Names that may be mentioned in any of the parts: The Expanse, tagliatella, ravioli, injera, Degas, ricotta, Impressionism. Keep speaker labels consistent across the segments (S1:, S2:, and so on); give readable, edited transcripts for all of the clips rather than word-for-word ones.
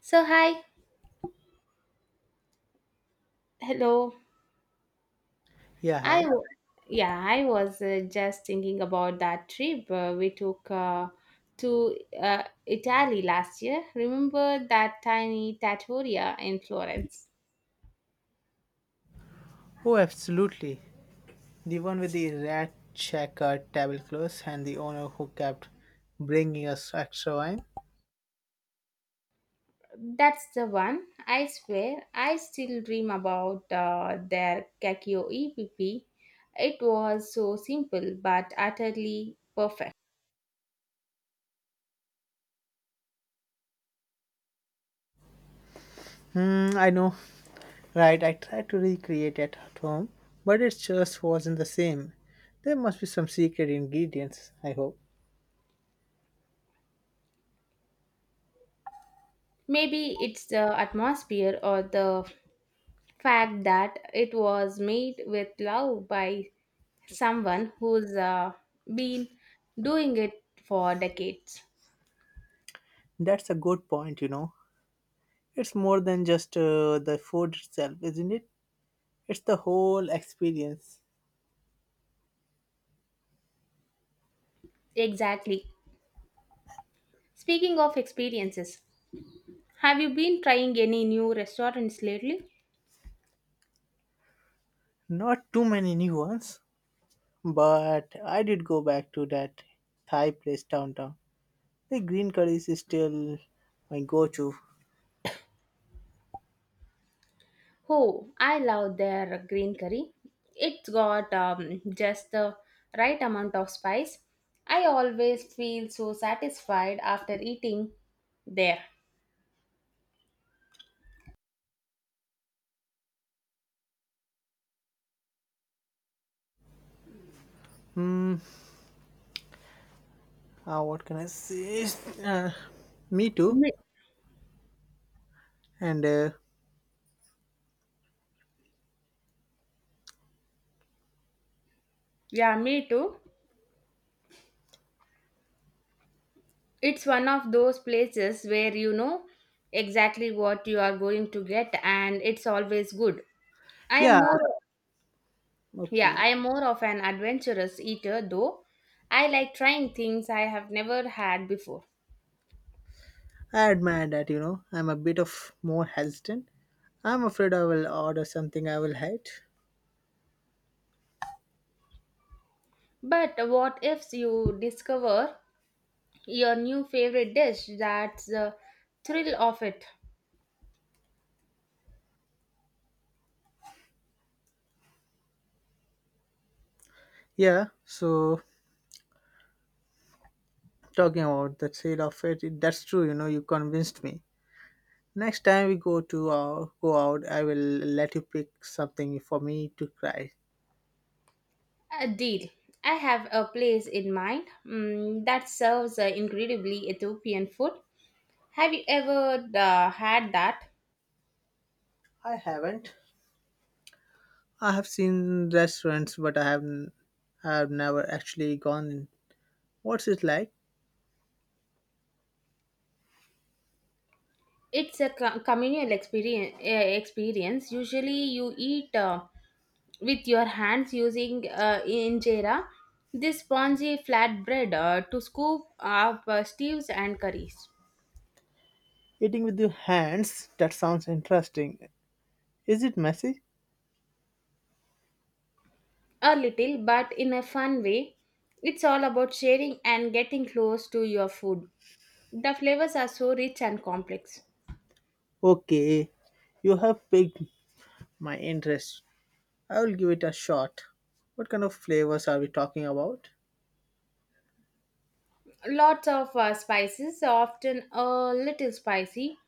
S1: So hi. Hello.
S2: Yeah,
S1: I
S2: hi.
S1: w- yeah, I was just thinking about that trip we took to Italy last year. Remember that tiny trattoria in Florence?
S2: Oh, absolutely. The one with the rat checkered tablecloths and the owner who kept bringing us extra wine.
S1: That's the one. I swear, I still dream about their cacio e pepe. It was so simple but utterly perfect.
S2: Hmm, I know. Right, I tried to recreate it at home, but it just wasn't the same. There must be some secret ingredients, I hope.
S1: Maybe it's the atmosphere or the fact that it was made with love by someone who's been doing it for decades.
S2: That's a good point, you know. It's more than just the food itself, isn't it? It's the whole experience.
S1: Exactly. Speaking of experiences, have you been trying any new restaurants lately?
S2: Not too many new ones, but I did go back to that Thai place downtown. The green curry is still my go-to.
S1: Oh, I love their green curry. It's got just the right amount of spice. I always feel so satisfied after eating there.
S2: Hmm. What can I say? Uh, Me too.
S1: Me-
S2: And
S1: yeah, me too. It's one of those places where you know exactly what you are going to get, and it's always good. I am
S2: Yeah,
S1: more Yeah,
S2: okay.
S1: I am more of an adventurous eater though. I like trying things I have never had before.
S2: I admire that. I'm a bit of more hesitant. I'm afraid I will order something I will hate.
S1: But what if you discover your new favorite dish? That's the thrill of it.
S2: Yeah. So talking about the sale of it, that's true. You convinced me. Next time we go to go out, I will let you pick something for me to try.
S1: A deal. I have a place in mind that serves incredibly Ethiopian food. Have you ever had that?
S2: I haven't. I have seen restaurants, but I haven't. I have never actually gone in. What's it like?
S1: It's a communal experience. Usually you eat with your hands, using injera, this spongy flatbread, to scoop up stews and curries.
S2: Eating with your hands? That sounds interesting. Is it messy?
S1: A little, but in a fun way. It's all about sharing and getting close to your food. The flavors are so rich and complex.
S2: Okay, you have piqued my interest. I will give it a shot. What kind of flavors are we talking about?
S1: Lots of spices, often a little spicy,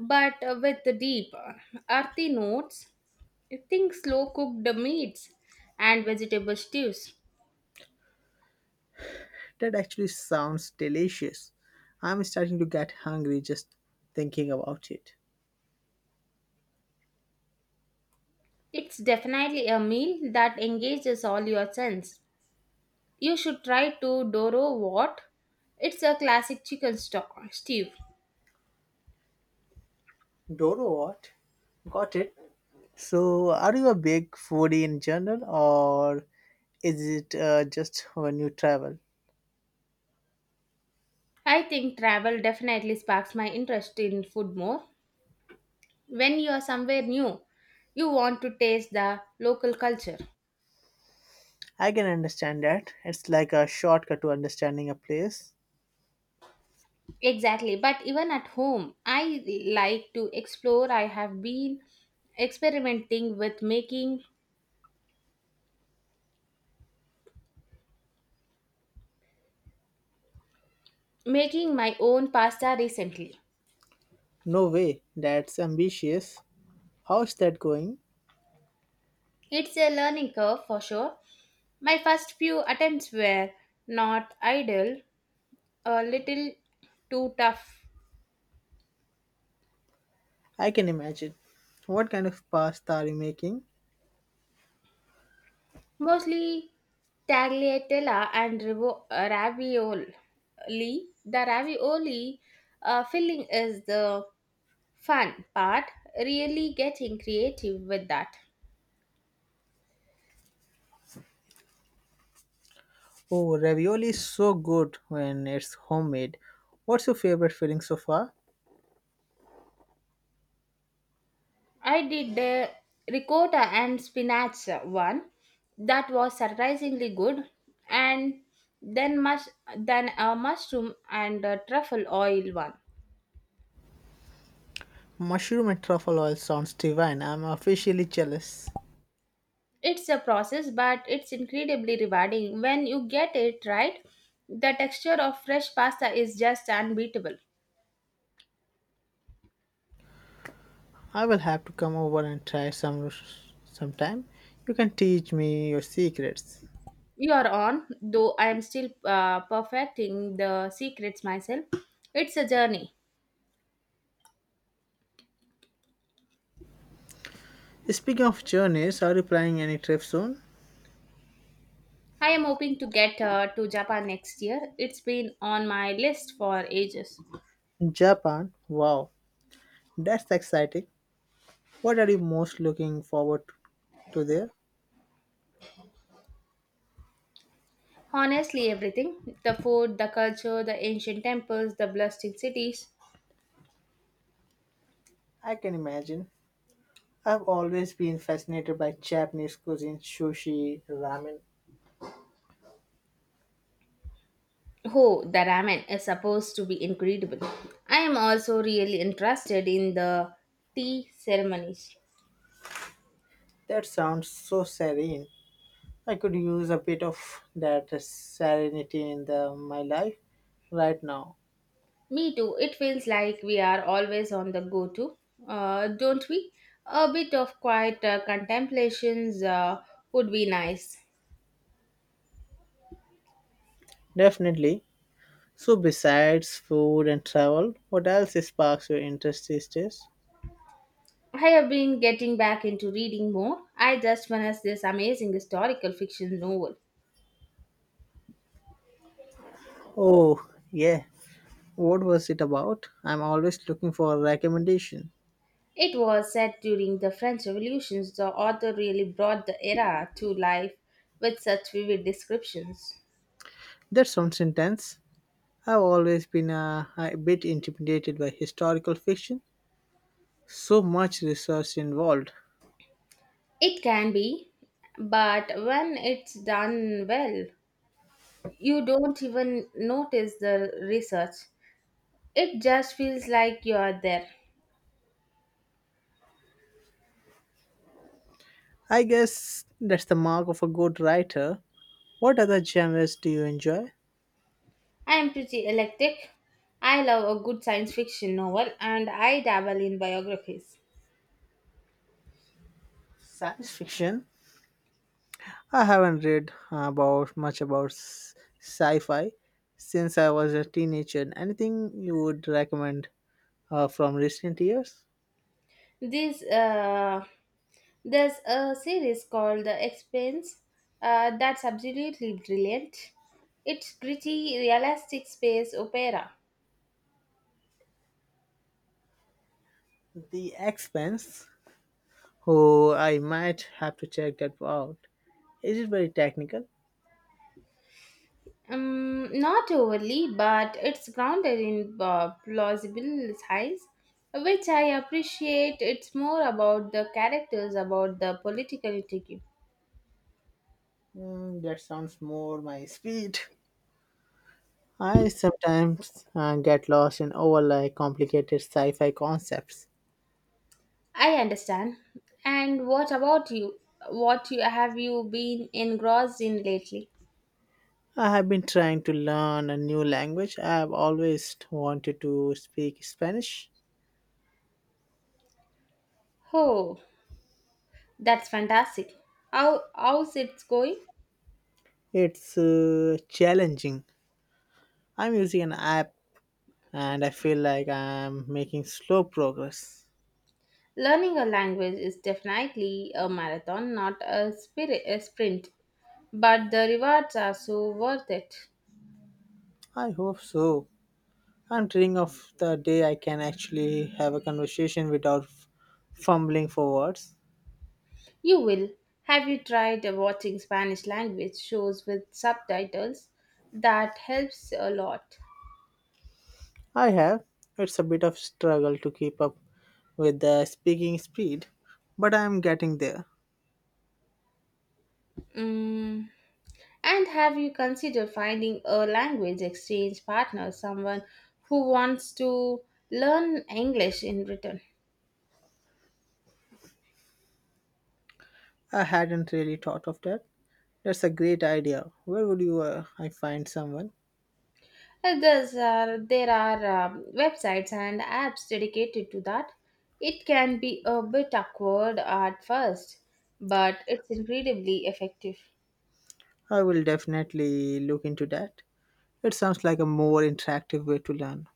S1: but with the deep earthy notes. Think slow cooked meats and vegetable stews.
S2: That actually sounds delicious. I'm starting to get hungry just thinking about it.
S1: It's definitely a meal that engages all your sense. You should try to Doro what? It's a classic chicken stock stew.
S2: Doro, what? Got it. So, are you a big foodie in general, or is it just when you travel?
S1: I think travel definitely sparks my interest in food more. When you are somewhere new, you want to taste the local culture.
S2: I can understand that. It's like a shortcut to understanding a place.
S1: Exactly, but even at home, I like to explore. I have been experimenting with making my own pasta recently.
S2: No way, that's ambitious. How's that going?
S1: It's a learning curve for sure. My first few attempts were not ideal, a little too tough.
S2: I can imagine. What kind of pasta are you making?
S1: Mostly tagliatella and ravioli. The ravioli filling is the fun part, really getting creative with that.
S2: Oh, ravioli is so good when it's homemade. What's your favorite filling so far?
S1: I did the ricotta and spinach one, that was surprisingly good, and then mush then a mushroom and a truffle oil one.
S2: Mushroom and truffle oil sounds divine. I'm officially jealous.
S1: It's a process, but it's incredibly rewarding when you get it right. The texture of fresh pasta is just unbeatable.
S2: I will have to come over and try some sometime. You can teach me your secrets.
S1: You are on, though I am still perfecting the secrets myself. It's a journey.
S2: Speaking of journeys, are you planning any trip soon?
S1: I am hoping to get to Japan next year. It's been on my list for ages.
S2: Japan? Wow, that's exciting. What are you most looking forward to there?
S1: Honestly, everything: the food, the culture, the ancient temples, the bustling cities.
S2: I can imagine. I've always been fascinated by Japanese cuisine, sushi, ramen.
S1: Oh, the ramen is supposed to be incredible. I am also really interested in the tea ceremonies.
S2: That sounds so serene. I could use a bit of that serenity in my life right now.
S1: Me too, it feels like we are always on the go, don't we? A bit of quiet contemplations would be nice.
S2: Definitely. So besides food and travel, what else sparks your interest these days?
S1: I have been getting back into reading more. I just finished this amazing historical fiction novel.
S2: Oh, yeah. What was it about? I'm always looking for a recommendation.
S1: It was set during the French Revolution. The author really brought the era to life with such vivid descriptions.
S2: That sounds intense. I've always been a bit intimidated by historical fiction. So much research involved.
S1: It can be, but when it's done well, you don't even notice the research. It just feels like you are there.
S2: I guess that's the mark of a good writer. What other genres do you enjoy?
S1: I am pretty eclectic. I love a good science fiction novel, and I dabble in biographies.
S2: Science fiction, I haven't read about much about sci-fi since I was a teenager. Anything you would recommend from recent years?
S1: This There's a series called The Expanse that's absolutely brilliant. It's gritty, realistic space opera.
S2: The Expanse. Oh, I might have to check that out. Is it very technical?
S1: Not overly, but it's grounded in plausible science, which I appreciate. It's more about the characters, about the political intrigue.
S2: Mm, that sounds more my speed. I sometimes get lost in overly complicated sci-fi concepts.
S1: I understand. And what about you? Have you been engrossed in lately?
S2: I have been trying to learn a new language. I have always wanted to speak Spanish.
S1: Oh, that's fantastic. How's it going?
S2: It's challenging. I'm using an app and I feel like I'm making slow progress.
S1: Learning a language is definitely a marathon, not a spirit a sprint. But the rewards are so worth it.
S2: I hope so. I'm dreaming of the day I can actually have a conversation without fumbling for words.
S1: You will. Have you tried watching Spanish language shows with subtitles? That helps a lot.
S2: I have. It's a bit of struggle to keep up with the speaking speed, but I'm getting there.
S1: Mm. And have you considered finding a language exchange partner, someone who wants to learn English in return?
S2: I hadn't really thought of that. That's a great idea. Where would you I find someone?
S1: There are websites and apps dedicated to that. It can be a bit awkward at first, but it's incredibly effective.
S2: I will definitely look into that. It sounds like a more interactive way to learn.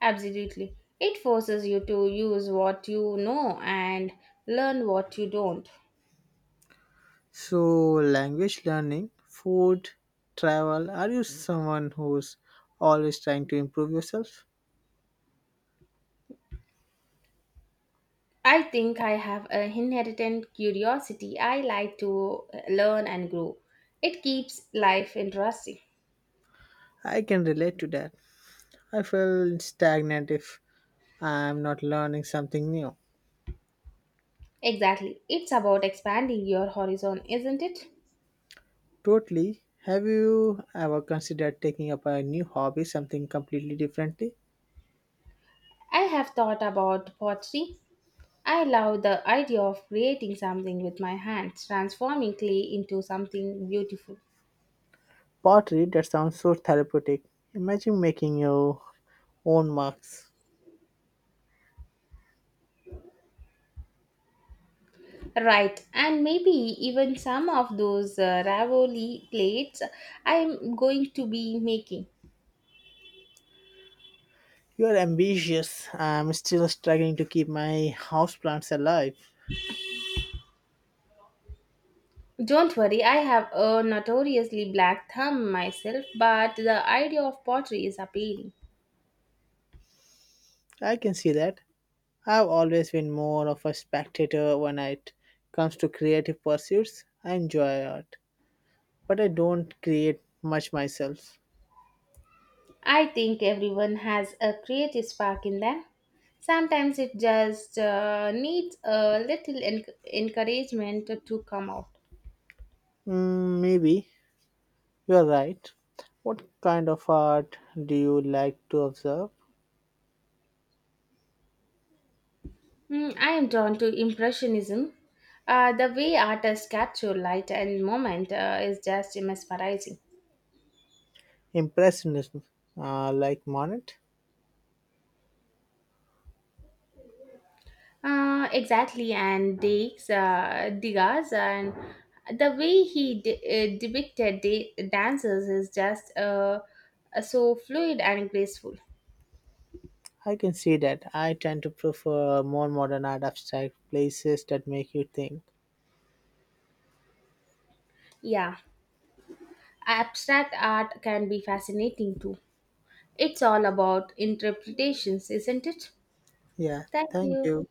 S1: Absolutely. It forces you to use what you know and learn what you don't.
S2: So, language learning, food, travel. Are you someone who's always trying to improve yourself?
S1: I think I have an inherent curiosity. I like to learn and grow. It keeps life interesting.
S2: I can relate to that. I feel stagnant if I'm not learning something new.
S1: Exactly. It's about expanding your horizon, isn't it?
S2: Totally. Have you ever considered taking up a new hobby, something completely differently?
S1: I have thought about pottery. I love the idea of creating something with my hands, transforming clay into something beautiful.
S2: Pottery, that sounds so therapeutic. Imagine making your own marks.
S1: Right, and maybe even some of those ravoli plates I'm going to be making.
S2: You're ambitious. I'm still struggling to keep my houseplants alive.
S1: Don't worry, I have a notoriously black thumb myself, but the idea of pottery is appealing.
S2: I can see that. I've always been more of a spectator when it comes to creative pursuits. I enjoy art, but I don't create much myself.
S1: I think everyone has a creative spark in them. Sometimes it just needs a little encouragement to come out.
S2: Mm, maybe you're right. What kind of art do you like to observe?
S1: Mm, I am drawn to Impressionism. The way artists capture light and moment is just mesmerizing.
S2: Impressionism, like Monet?
S1: Exactly, and Degas, and the way he depicted dancers is just so fluid and graceful.
S2: I can see that. I tend to prefer more modern art abstract places that make you think.
S1: Yeah. Abstract art can be fascinating too. It's all about interpretations, isn't it?
S2: Yeah.
S1: Thank
S2: Thank
S1: you.
S2: you.